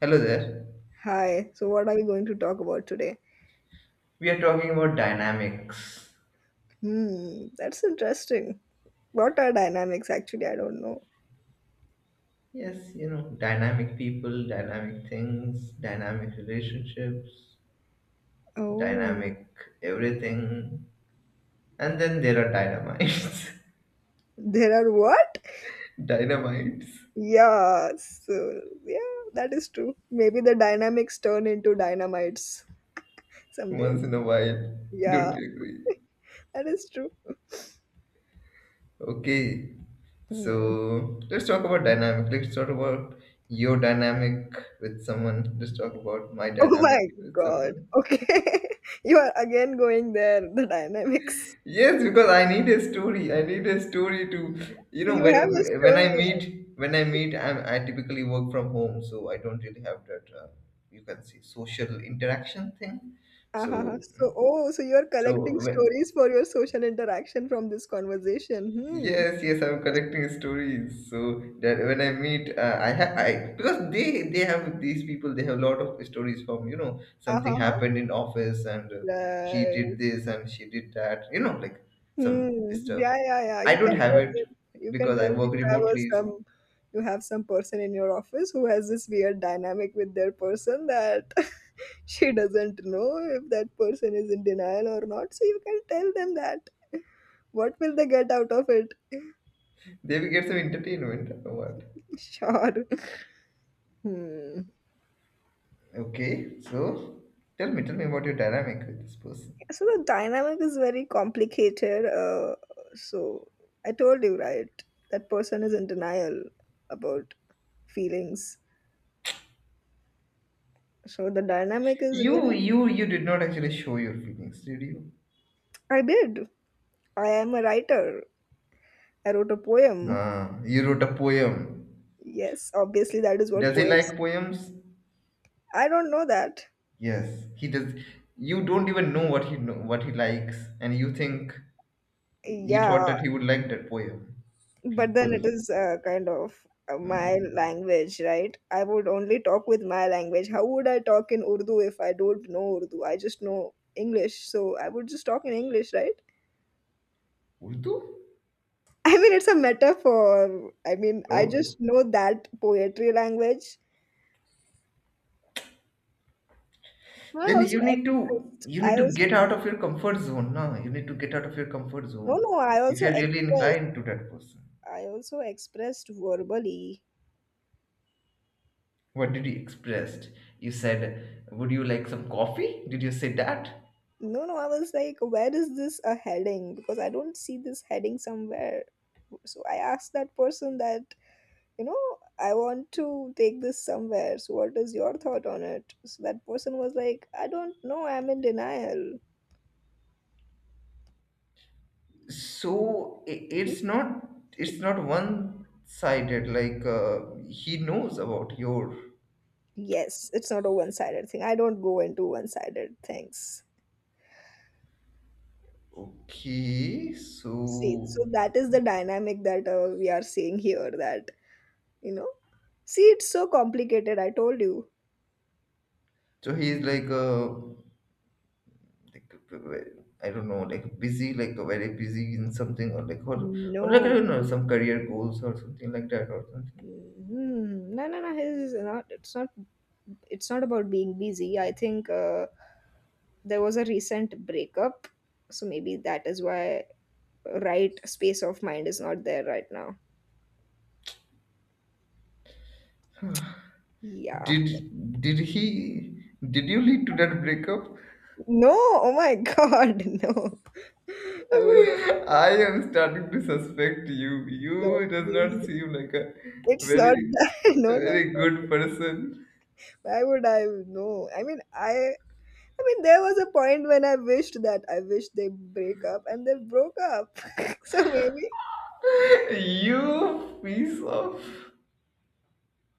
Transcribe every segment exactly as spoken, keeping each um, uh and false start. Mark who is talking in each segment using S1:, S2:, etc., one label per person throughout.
S1: Hello there.
S2: Hi, so what are we going to talk about today?
S1: We are talking about dynamics.
S2: Hmm, that's interesting. What are dynamics actually? I don't know.
S1: Yes, you know, dynamic people, dynamic things, dynamic relationships,
S2: Oh,
S1: dynamic everything. And then there are dynamites.
S2: there are what?
S1: Dynamites.
S2: Yeah, so yeah, that is true. Maybe the dynamics turn into dynamites some
S1: Once
S2: days.
S1: in a while. Don't
S2: Yeah,
S1: you agree?
S2: that is true.
S1: Okay.
S2: Hmm.
S1: So let's talk about dynamic. Let's talk about your dynamic with someone. Let's talk about my
S2: Oh my
S1: dynamic with
S2: God.
S1: someone.
S2: Okay. You are again going there, the dynamics.
S1: Yes, because I need a story. I need a story to, you
S2: So
S1: know,
S2: you
S1: when
S2: have a
S1: when
S2: story.
S1: I meet, when I meet, I'm, I typically work from home, so I don't really have that, uh, you can say, social interaction thing.
S2: Uh-huh.
S1: So,
S2: So, oh, so you're collecting
S1: so when,
S2: stories for your social interaction from this conversation.
S1: yes, yes, I'm collecting stories. So that when I meet, uh, I have I because they they have these people. They have a lot of stories from, you know,
S2: Hmm.
S1: something
S2: Uh-huh.
S1: happened in office, and uh, he
S2: Right.
S1: did this and she did that, you know, like some
S2: Hmm.
S1: stuff.
S2: Yeah, yeah, yeah.
S1: I
S2: You
S1: don't
S2: can
S1: have
S2: tell
S1: it
S2: them. You can
S1: because I
S2: tell
S1: work
S2: you have a,
S1: remotely.
S2: some you have some person in your office who has this weird dynamic with their person that she doesn't know if that person is in denial or not. So you can tell them that. What will they get out of it?
S1: They will get some entertainment. Or what?
S2: Sure. Hmm.
S1: Okay, so tell me, tell me about your dynamic with this person.
S2: So the dynamic is very complicated, uh, so I told you, right? That person is in denial about feelings, so the dynamic is really
S1: You you you did not actually show your feelings, did you?
S2: I did. I am a writer. I wrote a poem.
S1: Ah, you wrote a poem.
S2: Yes, obviously that is what
S1: Does he
S2: poets.
S1: like poems?
S2: I don't know that.
S1: Yes, he does. You don't even know what he know, what he likes, and you think you
S2: Yeah,
S1: thought that he would like that poem.
S2: but then it
S1: People,
S2: is, uh, kind of, uh, my
S1: um,
S2: language, right? I would only talk with my language. How would I talk in Urdu if I don't know Urdu? I just know English, so I would just talk in English, right?
S1: Urdu.
S2: I mean, it's a metaphor. I mean, I
S1: Oh,
S2: just know that poetry language. I
S1: then
S2: also
S1: you need to
S2: expressed,
S1: you
S2: I
S1: need to
S2: also
S1: get out of your comfort zone. No, you need to get out of your comfort
S2: no
S1: zone
S2: no I
S1: if
S2: also
S1: you're really
S2: expressed,
S1: inclined to that person.
S2: I also expressed verbally.
S1: What did you expressed? You said, "Would you like some coffee?" Did you say that?
S2: No no I was like, where is this a heading? Because I don't see this heading somewhere. So I asked that person that, you know, I want to take this somewhere. So what is your thought on it? So that person was like, I don't know, I'm in denial.
S1: So i-
S2: See?
S1: it's not, it's not one sided, like, uh, he knows about your,
S2: Yes, it's not a one-sided thing. I don't go into one-sided things.
S1: okay,
S2: See, so
S1: so
S2: that is the dynamic that, uh, we are seeing here, that, you know, see it's so complicated, I told you.
S1: so he's like uh like I don't know, like busy, like very busy in something, or like or, or like I
S2: No.
S1: don't know, some career goals or something like that, or something.
S2: Mm, no no no it's not, it's not, it's not about being busy. I think, uh, there was a recent breakup, so maybe that is why right space of mind is not there right now. Yeah.
S1: did did he did you lead to that breakup?
S2: No, oh my God, no. I would not
S1: I am starting to suspect you.
S2: know.
S1: You does not
S2: Please.
S1: seem like a
S2: It's not
S1: very,
S2: that. No, no.
S1: very good person.
S2: Why would I know? I mean, I. I mean, there was a point when I wished that I wished they break up, and they broke up. So maybe,
S1: You piece of.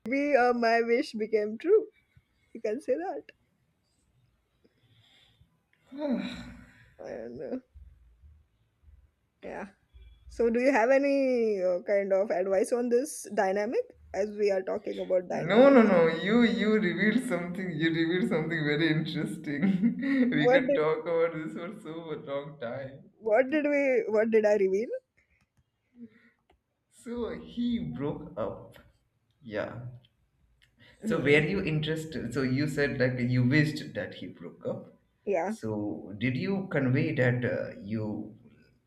S2: maybe, uh, my wish became true. You can say that. I don't know. Yeah. So, do you have any, uh, kind of advice on this dynamic? As we are talking about
S1: No, no,
S2: dynamics,
S1: no. You, you revealed something. You revealed something very interesting. We
S2: what
S1: can
S2: do
S1: talk about this for so long time.
S2: What did we? What did I reveal?
S1: So he broke up. Yeah. So were
S2: Hmm.
S1: you interested? So you said like you wished that he broke up.
S2: Yeah.
S1: So did you convey that, uh, you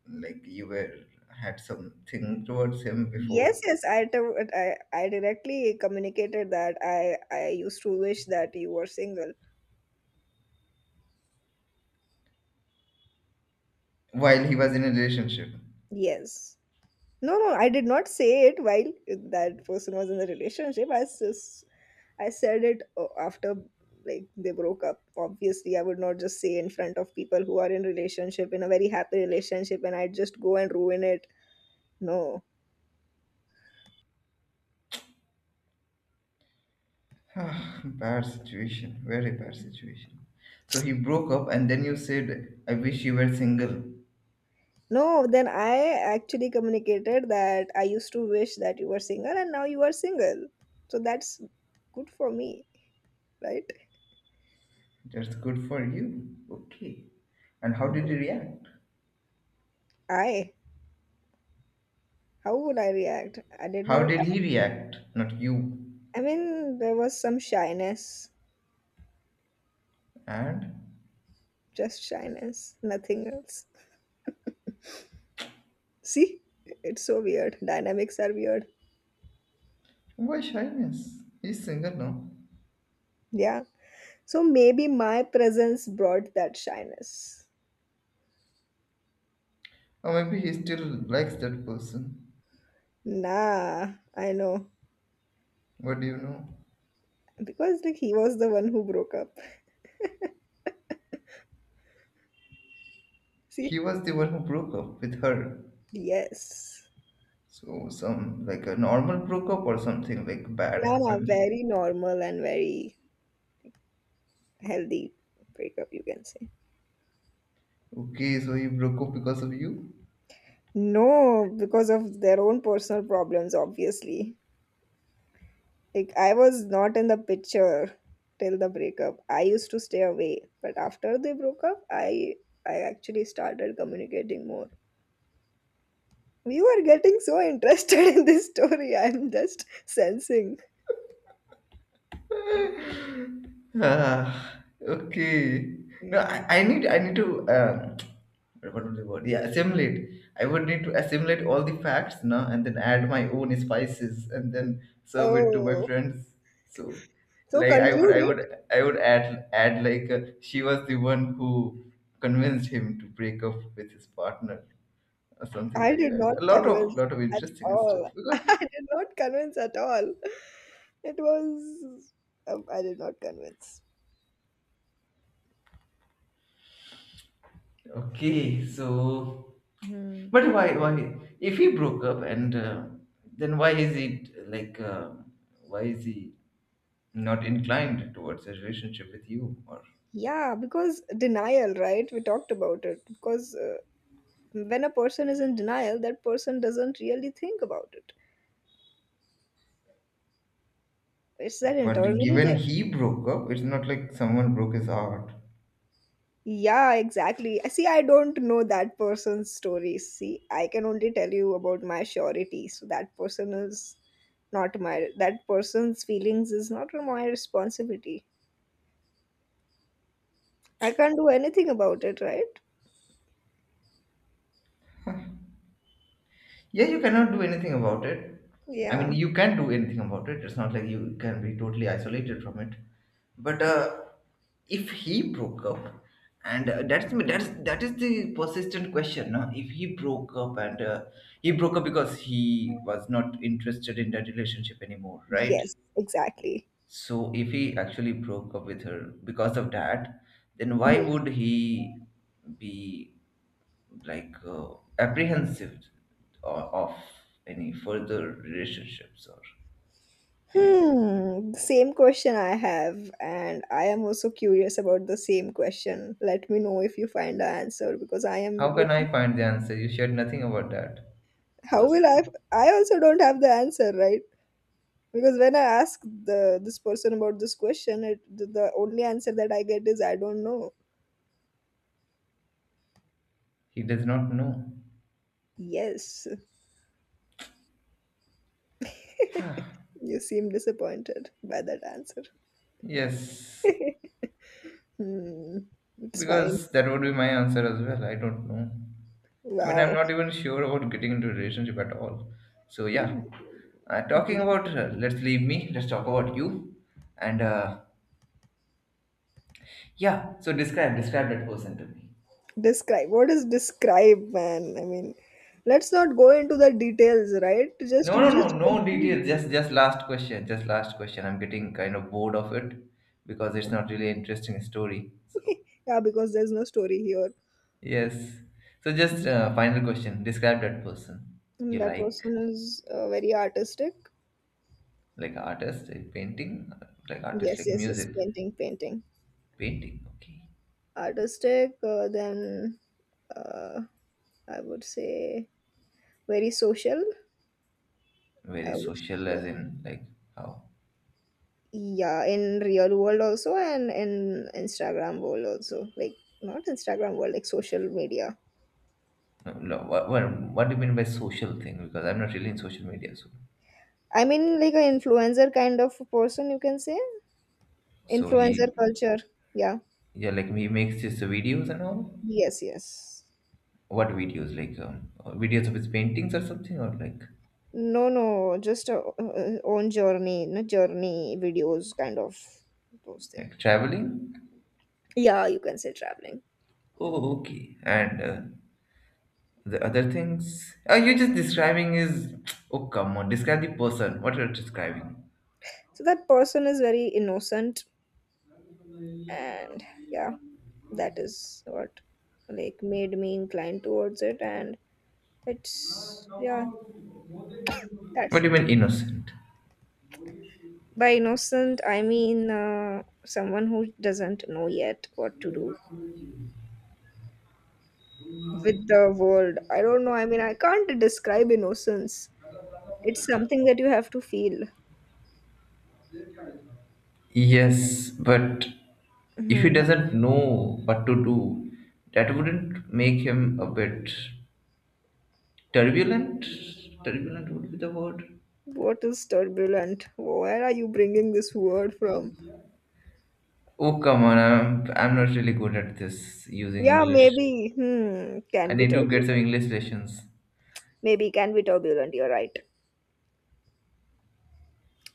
S1: like, you were, had something towards him
S2: Yes,
S1: before,
S2: yes. I, t- I I directly communicated that I I used to wish that you were single.
S1: while he was in a relationship?
S2: Yes. No, no. I did not say it while that person was in a relationship. I s- I said it, uh, after like they broke up. Obviously, I would not just say in front of people who are in relationship in a very happy relationship, and I'd just go and ruin it. No.
S1: Ah, bad situation, very bad situation. So he broke up, and then you said, "I wish you were single."
S2: No, then I actually communicated that I used to wish that you were single and now you are single. So that's good for me, right?
S1: That's good for you. Okay. And how did he react?
S2: I, how would I react? I did
S1: How
S2: not,
S1: did he react? Not you.
S2: I mean, there was some shyness,
S1: And
S2: just shyness, nothing else. See, it's so weird. Dynamics are weird.
S1: why shyness? He's single now.
S2: Yeah. So maybe my presence brought that shyness.
S1: Or maybe he still likes that person.
S2: Nah, I know.
S1: What do you know?
S2: Because like he was the one who broke up. See?
S1: He was the one who broke up with her.
S2: Yes.
S1: So some like a normal broke up or something, like bad
S2: No, no,
S1: happened.
S2: very normal and very healthy breakup, you can say.
S1: Okay, so he broke up because of you?
S2: No, because of their own personal problems, obviously. Like, I was not in the picture till the breakup. I used to stay away, but after they broke up, I I actually started communicating more. We are getting so interested in this story. I'm just sensing.
S1: Ah, okay. No,
S2: Yeah.
S1: I, I need, I need to, um, what was the word? Yeah, assimilate. I would need to assimilate all the facts, no, and then add my own spices and then serve it to my
S2: Oh,
S1: friends. So,
S2: so
S1: like I would
S2: conclude
S1: I
S2: it.
S1: would I would add, add like, uh, she was the one who convinced him to break up with his partner or something
S2: I
S1: like
S2: did
S1: that.
S2: not
S1: A lot of,
S2: convince
S1: lot of
S2: at
S1: interesting stuff,
S2: all.
S1: because
S2: I did not convince at all. It was. Um, I did not convince.
S1: okay, so
S2: Hmm.
S1: but why why if he broke up, and uh, then why is he like, uh, why is he not inclined towards a relationship with you, or
S2: Yeah, because denial, right? We talked about it. Because, uh, when a person is in denial, that person doesn't really think about it. It's that
S1: but
S2: internally they.
S1: given he broke up, it's not like someone broke his heart.
S2: Yeah, exactly. I see, I don't know that person's story. See, I can only tell you about my surety. So that person is not my. That person's feelings is not my responsibility. I can't do anything about it, right?
S1: Yeah, you cannot do anything about it. I mean,
S2: Yeah.
S1: you can do anything about it. It's not like you can be totally isolated from it. But uh, if he broke up, and uh, that's, that's that is the persistent question. No? If he broke up, and uh, he broke up because he was not interested in that relationship anymore, right?
S2: Yes, exactly.
S1: So if he actually broke up with her because of that, then why would he be like, uh, apprehensive o- of any further relationships or anything.
S2: Hmm, same question I have, and I am also curious about the same question. Let me know if you find the answer because I am
S1: How can
S2: looking.
S1: I find the answer? You shared nothing about that
S2: How will I?
S1: person.
S2: I also don't have the answer, right? Because when I ask the this person about this question, it the, the only answer that I get is I don't know.
S1: He does not know.
S2: Yes, you seem disappointed by that answer.
S1: Yes,
S2: Hmm, it's fine.
S1: because that would be my answer as well. I don't know. I mean, I'm
S2: Wow.
S1: not even sure about getting into a relationship at all. So
S2: Hmm.
S1: yeah, uh, talking about, uh, let's leave me. Let's talk about you. And uh, yeah, so describe describe that person to me.
S2: Describe. What is describe, man? I mean, let's not go into the details, right? Just
S1: No,
S2: you
S1: no,
S2: just
S1: no, no
S2: conclude.
S1: details. Just, just last question. Just last question. I'm getting kind of bored of it, because it's not really interesting story. So
S2: Yeah, because there's no story here.
S1: yes. So just, uh, final question. Describe that person
S2: And
S1: you
S2: that
S1: like,
S2: person is, uh, very artistic.
S1: like artist, like painting, like artist,
S2: Yes,
S1: like
S2: yes, yes.
S1: music,
S2: Painting, painting.
S1: painting. Okay.
S2: Artistic. Uh, then, uh, I would say very social.
S1: Very
S2: I would
S1: social,
S2: say,
S1: as in like how?
S2: yeah, in real world also, and in Instagram world also. Like not Instagram world, like social media.
S1: No, no, what, what, what do you mean by social thing? Because I'm not really in social media, so
S2: I mean, like an influencer kind of person, you can say?
S1: so he
S2: Influencer culture. Yeah.
S1: yeah, like he makes his videos and all.
S2: Yes, yes.
S1: What videos? Like, um, uh, videos of his paintings or something, or like
S2: No, no, just, uh, uh, own journey, no journey videos, kind of those things.
S1: like traveling?
S2: Yeah, you can say traveling.
S1: Oh, okay. And uh, the other things? Are you just describing his? Oh, come on! Describe the person. What are you describing?
S2: So that person is very innocent, and yeah, that is what like made me inclined towards it, and it's yeah,
S1: What
S2: that's
S1: do you
S2: it.
S1: mean innocent?
S2: By innocent, I mean, uh, someone who doesn't know yet what to do with the world. I don't know. I mean, I can't describe innocence. It's something that you have to feel.
S1: Yes, but if he
S2: Mhm.
S1: doesn't know what to do, that wouldn't make him a bit turbulent. Turbulent would be the word.
S2: What is turbulent? Where are you bringing this word from?
S1: Oh come on! I'm I'm not really good at this using
S2: Yeah,
S1: English.
S2: maybe. Hmm, can
S1: I
S2: be
S1: need to get some
S2: turbulent.
S1: English lessons.
S2: Maybe can be turbulent. You're right.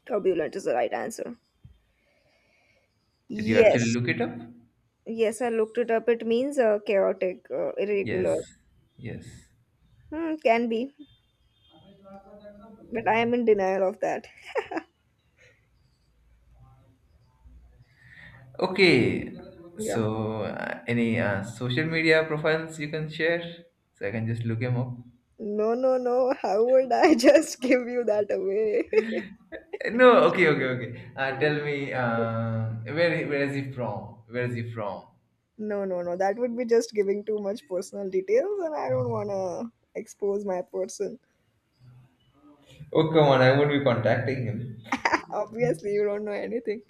S2: Turbulent is the right answer.
S1: Did you actually
S2: Yes.
S1: look it up?
S2: Yes, I looked it up. It means, uh, chaotic, uh, irregular.
S1: Yes. Yes.
S2: Hmm, can be. But I am in denial of that.
S1: Okay.
S2: Yeah.
S1: So, uh, any, uh, social media profiles you can share? So I can just look him up.
S2: No, no, no. How would I just give you that away?
S1: Uh, No. Okay. Okay. Okay. Uh, tell me. Uh, where Where is he from? Where is he from?
S2: No, no, no. That would be just giving too much personal details, and I don't want to expose my person.
S1: Oh come on! I won't be contacting him.
S2: Obviously, you don't know anything.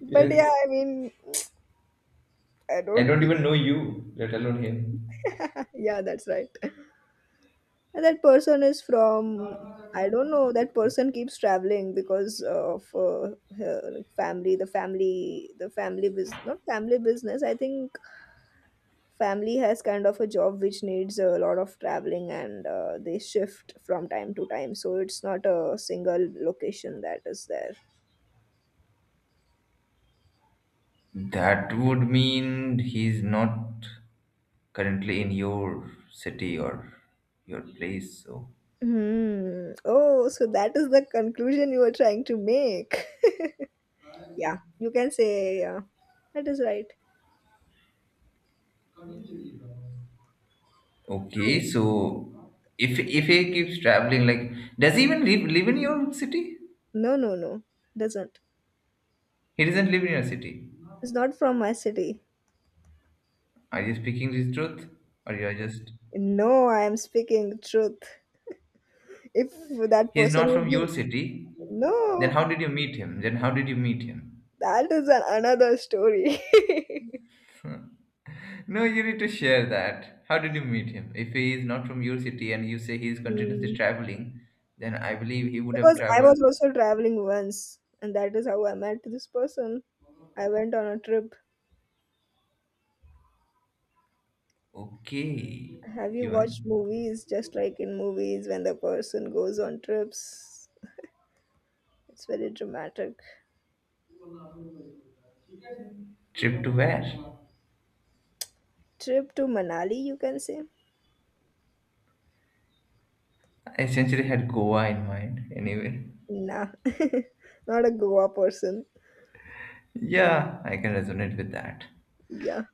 S2: But yeah,
S1: Yes.
S2: I mean, I
S1: I
S2: don't.
S1: don't even know you, let alone him.
S2: Yeah, that's right. And that person is from. I don't know. That person keeps traveling because of, uh, her family. The family, the family business, not family business. I think family has kind of a job which needs a lot of traveling and, uh, they shift from time to time, so it's not a single location that is there.
S1: That would mean he's not currently in your city or your place. So
S2: Hmm. Oh, so that is the conclusion you were trying to make. Yeah, you can say, yeah, that is right. Um,
S1: okay, so if if he keeps traveling, like does he even live live in your city?
S2: no no no doesn't.
S1: He doesn't live in your city.
S2: It's not from my city.
S1: Are you speaking the truth, or you are just?
S2: No, I am speaking truth. If that
S1: He's
S2: person
S1: not from
S2: would be
S1: your city. Then
S2: no
S1: how did you meet him? Then how did you meet him?
S2: that is an, another story.
S1: No, you need to share that. How did you meet him? If he is not from your city and you say he is continuously
S2: Hmm.
S1: traveling, then I believe he would have
S2: Because I
S1: traveled.
S2: was also traveling once, and that is how I met this person. I went on a trip.
S1: Okay,
S2: Have you
S1: even
S2: watched movies? Just like in movies when the person goes on trips? It's very dramatic.
S1: trip to where?
S2: Trip to Manali, you can say?
S1: I essentially had Goa in mind anyway.
S2: Nah, not a Goa person.
S1: Yeah, I can resonate with that.
S2: Yeah,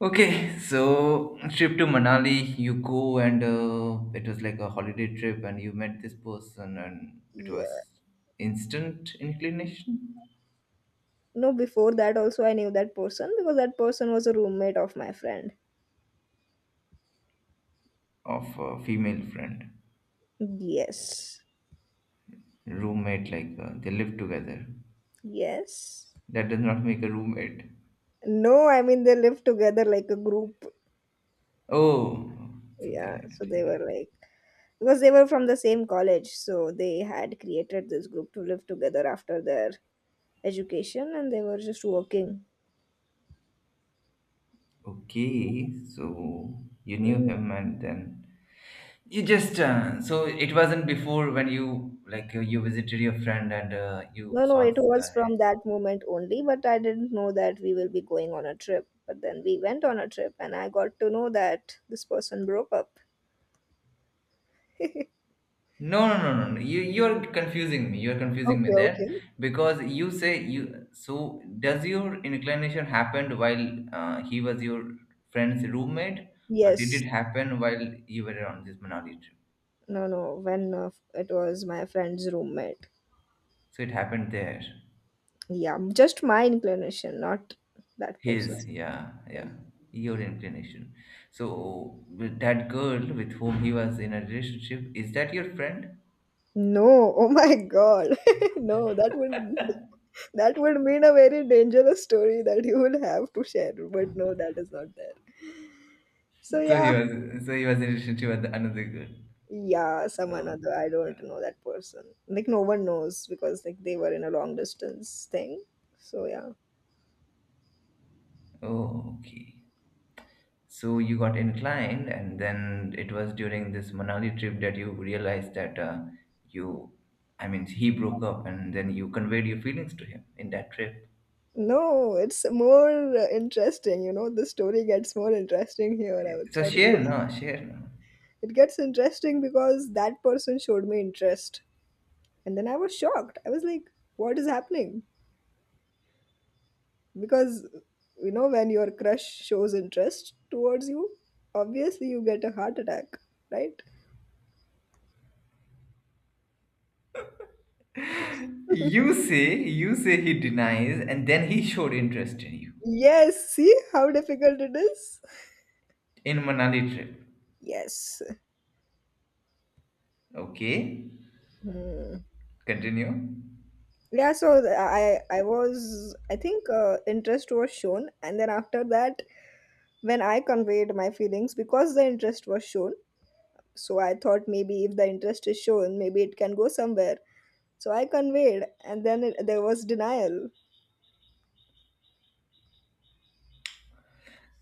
S1: Okay, so trip to Manali, you go, and uh, it was like a holiday trip, and you met this person, and it
S2: yeah.
S1: was instant inclination
S2: No, before that also I knew that person because that person was a roommate of my friend.
S1: of a female friend.
S2: Yes,
S1: Roommate, like, uh, they live together.
S2: yes.
S1: That does not make a roommate.
S2: No, I mean they lived together like a group.
S1: Oh, something
S2: Yeah,
S1: like
S2: so
S1: that.
S2: they
S1: Yeah.
S2: were like because they were from the same college, so they had created this group to live together after their education and they were just working.
S1: Okay, so you knew
S2: Hmm.
S1: him, and then you just, uh, so it wasn't before when you like, uh, you visited your friend and, uh, you
S2: no no
S1: saw
S2: it
S1: this
S2: was
S1: guy.
S2: from that moment only, but I didn't know that we will be going on a trip, but then we went on a trip and I got to know that this person broke up.
S1: No, no, no, no, no. You, you're confusing me. You're confusing me
S2: Okay,
S1: there,
S2: okay.
S1: because you say you. So does your inclination happened while, uh, he was your friend's roommate, or did
S2: Yes.
S1: it happen while you were on this Manali trip?
S2: No no when, uh, it was my friend's roommate.
S1: So it happened there.
S2: Yeah, just my inclination, not that
S1: His,
S2: person's.
S1: yeah, yeah. Your inclination. So with that girl with whom he was in a relationship, is that your friend?
S2: No. Oh my God. No, that would That would mean a very dangerous story that you will have to share, but no, that is not there. So
S1: So he
S2: yeah,
S1: was. So he was in a relationship with another girl.
S2: yeah, some
S1: Oh,
S2: another. I don't know that person. Like no one knows because like they were in a long distance thing. So yeah.
S1: oh, okay. So you got inclined, and then it was during this Manali trip that you realized that, uh, you, I mean, he broke up, and then you conveyed your feelings to him in that trip.
S2: No, it's more, uh, interesting, you know. The story gets more interesting here, I would
S1: So
S2: tell you.
S1: share now, share now.
S2: It gets interesting because that person showed me interest. And then I was shocked. I was like, what is happening? Because you know when your crush shows interest towards you, obviously you get a heart attack, right?
S1: You say, you say he denies, and then he showed interest in you
S2: Yes, see how difficult it is.
S1: in Manali trip.
S2: Yes.
S1: Okay,
S2: Hmm.
S1: continue.
S2: yeah so th- i i was, I think, uh, interest was shown, and then after that, when I conveyed my feelings, because the interest was shown, so I thought maybe if the interest is shown, maybe it can go somewhere. So I conveyed, and then it, there was denial.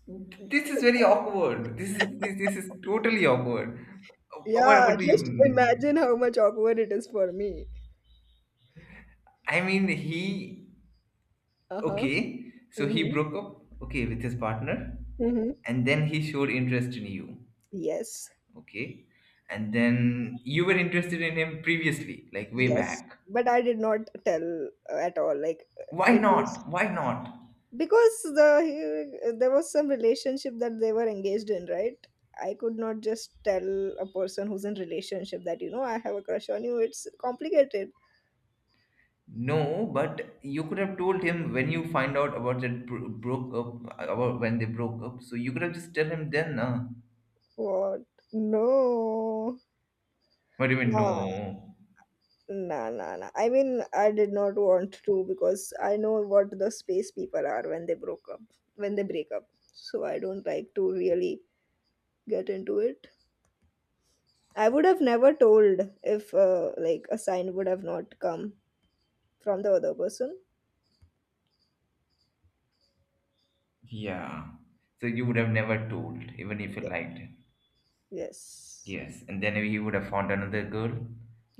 S1: This is very awkward. This is this, this is totally awkward. What
S2: Yeah,
S1: what do
S2: just
S1: you?
S2: imagine how much awkward it is for me.
S1: I mean, he
S2: Uh-huh.
S1: okay, so he
S2: Hmm.
S1: broke up, okay, with his partner,
S2: Hmm.
S1: and then he showed interest in you,
S2: Yes.
S1: okay, and then you were interested in him previously, like way
S2: Yes.
S1: back.
S2: But I did not tell, uh, at all. Like, uh,
S1: Why
S2: it was,
S1: not? Why not?
S2: because the he- there was some relationship that they were engaged in, right? I could not just tell a person who's in relationship that, you know, I have a crush on you. It's complicated.
S1: No, but you could have told him when you find out about that bro- broke up, about when they broke up. So you could have just tell him then, uh,
S2: What? No.
S1: what do you mean?
S2: No.
S1: No,
S2: Nah, nah, nah. I mean, I did not want to, because I know what the space people are when they broke up, when they break up. So I don't like to really get into it. I would have never told if, uh, like, a sign would have not come from the other person.
S1: yeah. So you would have never told, even if you
S2: Ye-
S1: liked him.
S2: Yes.
S1: Yes, and then he would have found another girl,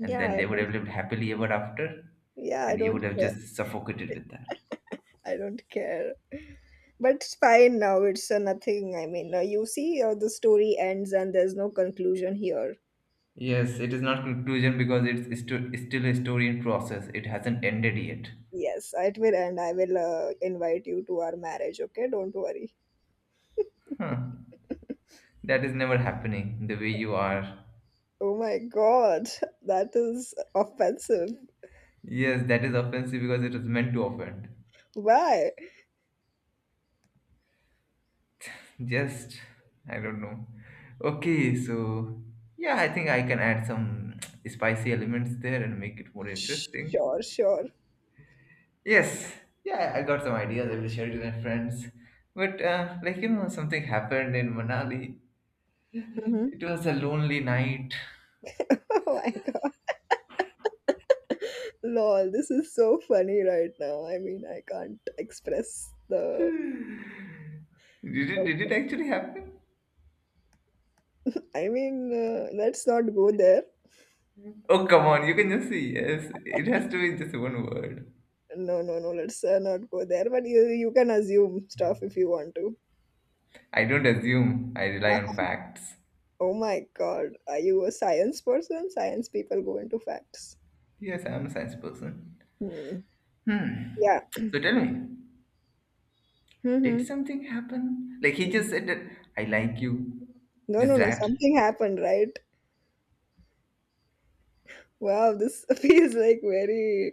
S1: and then
S2: I
S1: they would
S2: don't.
S1: have lived happily ever after,
S2: Yeah, I
S1: and you
S2: don't
S1: would have
S2: care.
S1: just suffocated with that.
S2: I don't care. But it's fine now. It's, uh, nothing. I mean, uh, you see, uh, the story ends and there's no conclusion here.
S1: Yes, it is not conclusion because it's stu- still a story in process. It hasn't ended yet.
S2: Yes, it will end. I will uh, invite you to our marriage, okay? Don't worry.
S1: Huh. That is never happening the way you are.
S2: Oh my god, that is offensive.
S1: Yes, that is offensive because it was meant to offend.
S2: Why?
S1: Just, I don't know. Okay, so yeah, I think I can add some spicy elements there and make it more interesting.
S2: Sure, sure.
S1: Yes, yeah, I got some ideas. I will share it with my friends. But uh, like you know, something happened in Manali.
S2: Hmm.
S1: It was a lonely night.
S2: Oh my god. Lol, this is so funny right now. I mean, I can't express the.
S1: Did it? Did it actually happen?
S2: I mean, uh, let's not go there.
S1: Oh, come on, you can just see. Yes, it has to be just one word.
S2: No, no, no, let's uh, not go there. But you, you can assume stuff if you want to.
S1: I don't assume. I rely
S2: Uh-huh.
S1: on facts.
S2: Oh my god, are you a science person? Science people go into facts.
S1: Yes, I'm a science person.
S2: Hmm.
S1: Hmm.
S2: Yeah.
S1: So tell me, did
S2: Mm-hmm.
S1: something happen? Like he just said that I like you.
S2: No,
S1: Just
S2: no, no.
S1: that.
S2: Something happened, right? Wow, this feels like very,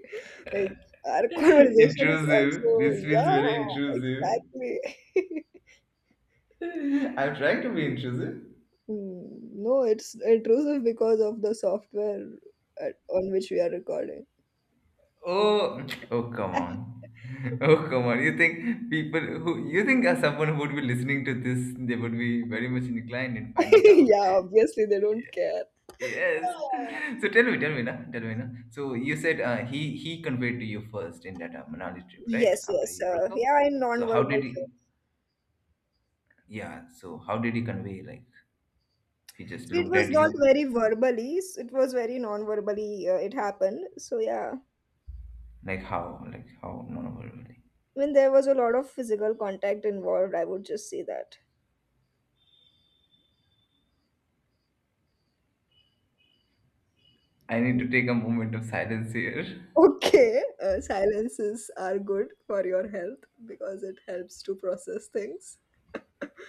S2: like, our conversation is
S1: intrusive.
S2: also,
S1: This feels very
S2: yeah,
S1: intrusive.
S2: exactly.
S1: I'm trying to be intrusive.
S2: Hmm. No, it's intrusive because of the software at, on which we are recording.
S1: Oh, oh, come on. Oh, come on. You think people who you think uh, someone who would be listening to this, they would be very much inclined in finding out.
S2: Yeah, obviously they don't care.
S1: Yes.
S2: Yeah.
S1: So tell me, tell me now, tell me now. So you said uh, he he conveyed to you first in that uh, Manali trip, right?
S2: Yes,
S1: After
S2: yes.
S1: you
S2: Uh,
S1: broke up.
S2: yeah, in
S1: So how
S2: non-verbal
S1: did
S2: too.
S1: he? Yeah. So how did he convey? Like he just
S2: So it
S1: looked
S2: was
S1: at
S2: not
S1: you.
S2: very verbally. s- It was very non-verbally. Uh, it happened. So yeah.
S1: Like how? Like how? No, no, no, no.
S2: When there was a lot of physical contact involved, I would just say that.
S1: I need to take a moment of silence here.
S2: Okay, uh, silences are good for your health, because it helps to process things.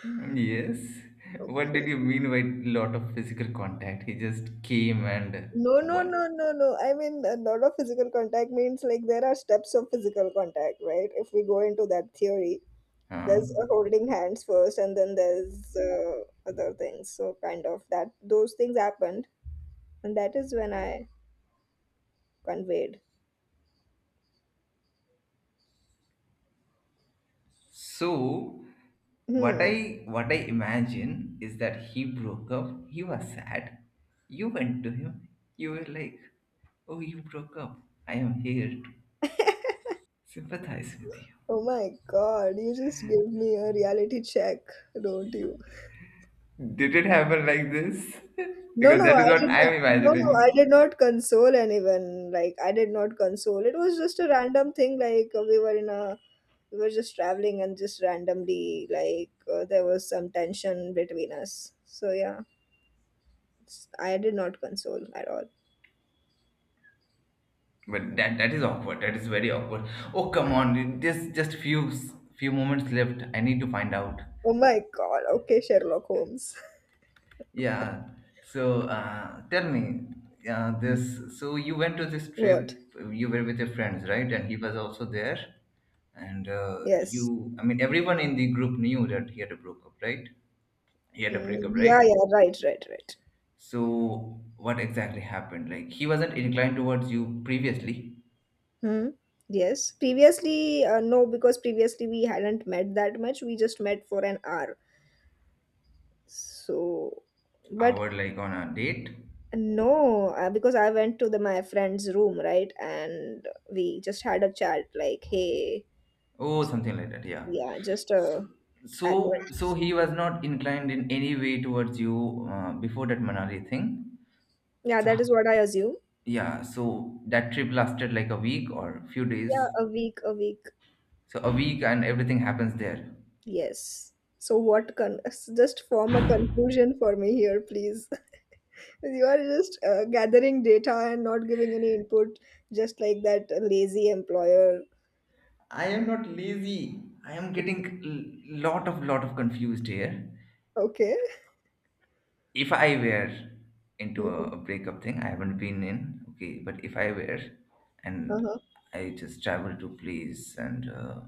S1: Mm, yes. What
S2: Okay.
S1: did you mean by lot of physical contact? He just came and
S2: No, no, no,
S1: what?
S2: no, no. I mean, a lot of physical contact means like there are steps of physical contact, right? If we go into that theory,
S1: Huh?
S2: there's a holding hands first, and then there's uh, other things. So, kind of that, those things happened, and that is when I conveyed.
S1: So what
S2: Hmm.
S1: I what I imagine is that he broke up. He was sad. You went to him. You were like, "Oh, you broke up. I am here to sympathize with
S2: Oh my god, you just give me a reality check, don't you?
S1: you." Did it happen like this?
S2: No,
S1: Because
S2: no,
S1: that is
S2: I
S1: what
S2: did
S1: I
S2: not,
S1: am
S2: no, I
S1: imagining.
S2: did not console anyone. Like, I did not console. It was just a random thing. Like, uh, we were in a, we were just traveling and just randomly, like, uh, there was some tension between us. So, yeah, it's- I did not console at all.
S1: But that that is awkward. That is very awkward. Oh, come on, dude. There's just few few moments left. I need to find out.
S2: Oh my god, okay, Sherlock Holmes.
S1: Yeah. So uh, tell me, uh, this. So you went to this trip.
S2: What?
S1: You were with your friends, right? And he was also there. And uh,
S2: Yes.
S1: you, I mean, everyone in the group knew that he had a breakup, right? He had a
S2: Mm,
S1: breakup,
S2: yeah,
S1: right?
S2: yeah, right, right, right.
S1: So what exactly happened? Like he wasn't inclined towards you previously.
S2: Hmm. Yes. Previously, uh, no, because previously we hadn't met that much. We just met for an hour. So, but
S1: Hour like on a date.
S2: no, uh, because I went to the my friend's room, right? And we just had a chat like, hey,
S1: Oh,
S2: so,
S1: something like that. Yeah.
S2: yeah, just
S1: So,
S2: a
S1: so, so
S2: acquaintance.
S1: he was not inclined in any way towards you uh, before that Manali thing.
S2: Yeah,
S1: So,
S2: that is what I assume.
S1: yeah. So that trip lasted like a week or few
S2: Yeah,
S1: days.
S2: a week, a week.
S1: So a week and everything happens there.
S2: Yes. So what con just form a conclusion for me here, please. You are just uh, gathering data and not giving any input, just like that lazy employer.
S1: I am not lazy. I am
S2: Okay.
S1: getting l- lot of lot of confused here.
S2: Okay.
S1: If I were into a,
S2: Mhm.
S1: a breakup thing, I haven't been in. Okay, but if I were,
S2: Uh-huh.
S1: and I just travel to place and. Uh,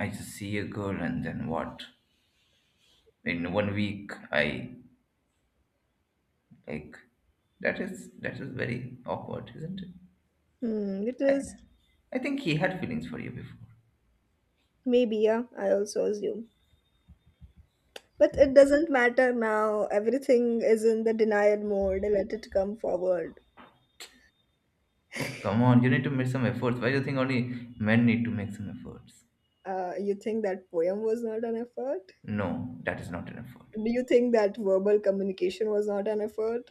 S1: I just see a girl and then what? In one week, I like that is that is very awkward, isn't it?
S2: Hmm, it
S1: I
S2: is,
S1: I think he had feelings for you before.
S2: maybe, yeah, I also assume. But it doesn't matter now. Everything is in the denial mode. Let it come forward.
S1: Oh, come on, you need to make some efforts. Why do you think only men need to make some efforts?
S2: Uh, you think that poem was not an effort?
S1: No, that is not an effort.
S2: Do you think that verbal communication was not an effort?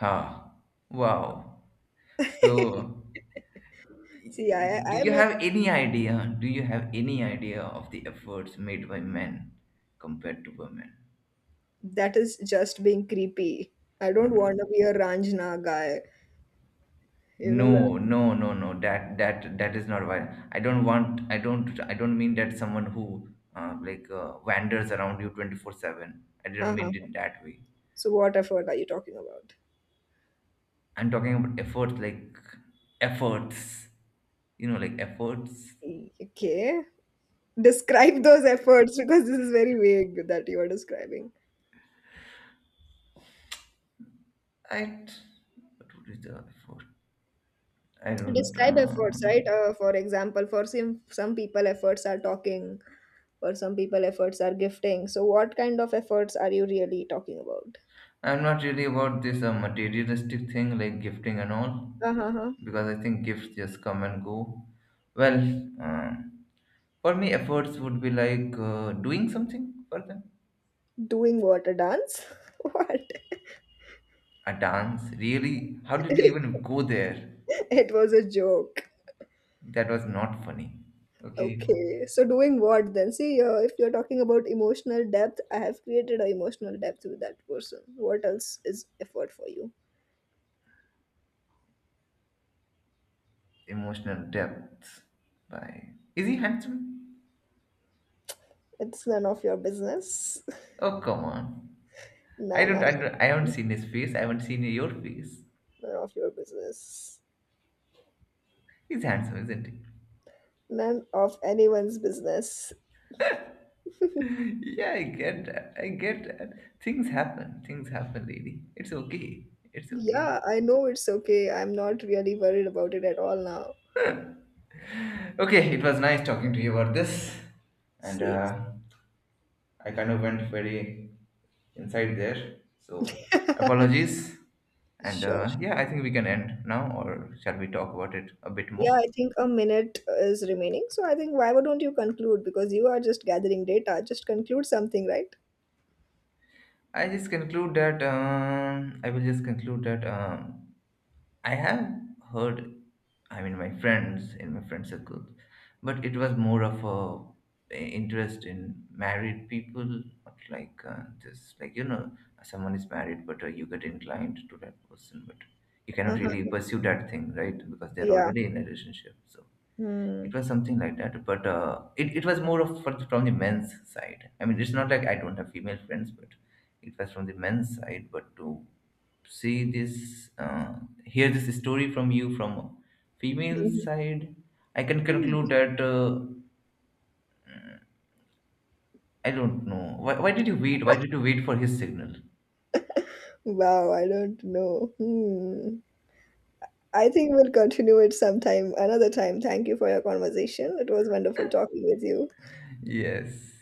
S1: Ah, wow. So,
S2: See, I,
S1: do
S2: I
S1: you
S2: make
S1: have any idea? Do you have any idea of the efforts made by men compared to women?
S2: that is just being creepy. I don't want to
S1: Mhm.
S2: be a Ranjana guy. You know.
S1: No, no, no, no. That that that is not why. I don't want. I don't. I don't mean that someone who uh, like uh, wanders around you twenty four seven. I didn't
S2: Uh-huh.
S1: mean it in that way.
S2: So what effort are you talking about?
S1: I'm talking about efforts, like efforts. You know, like efforts.
S2: E- Okay. Describe those efforts, because this is very vague that you are describing.
S1: I. What would be the effort? I don't.
S2: Describe efforts, right?
S1: Um,
S2: Uh, for example, for some some people efforts are talking, for some people efforts are gifting. So what kind of efforts are you really talking about?
S1: I'm not really about this uh, materialistic thing like gifting and all
S2: Uh-huh.
S1: because I think gifts just come and go. Well. um For me, efforts would be like uh, doing something for them.
S2: Doing what? A dance? What?
S1: A dance, really? How did you even go there?
S2: It was a joke.
S1: That was not funny. Okay.
S2: Okay, so doing what then? See, uh, if you're talking about emotional depth, I have created an emotional depth with that person. What else is effort for you?
S1: Emotional depth. Bye. Is he handsome?
S2: It's none of your business.
S1: Oh, come on. I
S2: Nah,
S1: don't,
S2: nah,
S1: I don't, I haven't seen his face. I haven't seen your face.
S2: none of your business.
S1: He's handsome, isn't he?
S2: None of anyone's business.
S1: yeah, I get that. I get that. Things happen. Things happen, lady. It's okay. It's okay.
S2: Yeah, I know it's okay. I'm not really worried about it at all now.
S1: Okay, it was nice talking to you about this. And,
S2: Seems.
S1: uh, I kind of went very inside there. So apologies. And
S2: Sure,
S1: uh, yeah,
S2: sure.
S1: I think we can end now, or shall we talk about it a bit
S2: Yeah,
S1: more?
S2: I think a minute is remaining. So I think why don't you conclude? Because you are just gathering data. Just conclude something, right?
S1: I just conclude that um, I will just conclude that um, I have heard, I mean, my friends in my friend circles, but it was more of a interest in married people, not like uh, this, like you know, someone is married, but uh, you get inclined to that person, but you cannot really
S2: Uh-huh.
S1: pursue that thing, right? Because they're
S2: Yeah.
S1: already in a relationship, so it
S2: Hmm.
S1: was something like that, but uh, it, it was more of for, the, from the men's side. I mean, it's not like I don't have female friends, but it was from the men's side. But to see this, uh, hear this story from you from a female
S2: Mhm.
S1: side, I can conclude that uh, I don't know. Why, why did you wait? Why did you wait for his signal?
S2: Wow, I don't know. Hmm. I think we'll continue it sometime, another time. Thank you for your conversation. It was wonderful talking with you.
S1: Yes.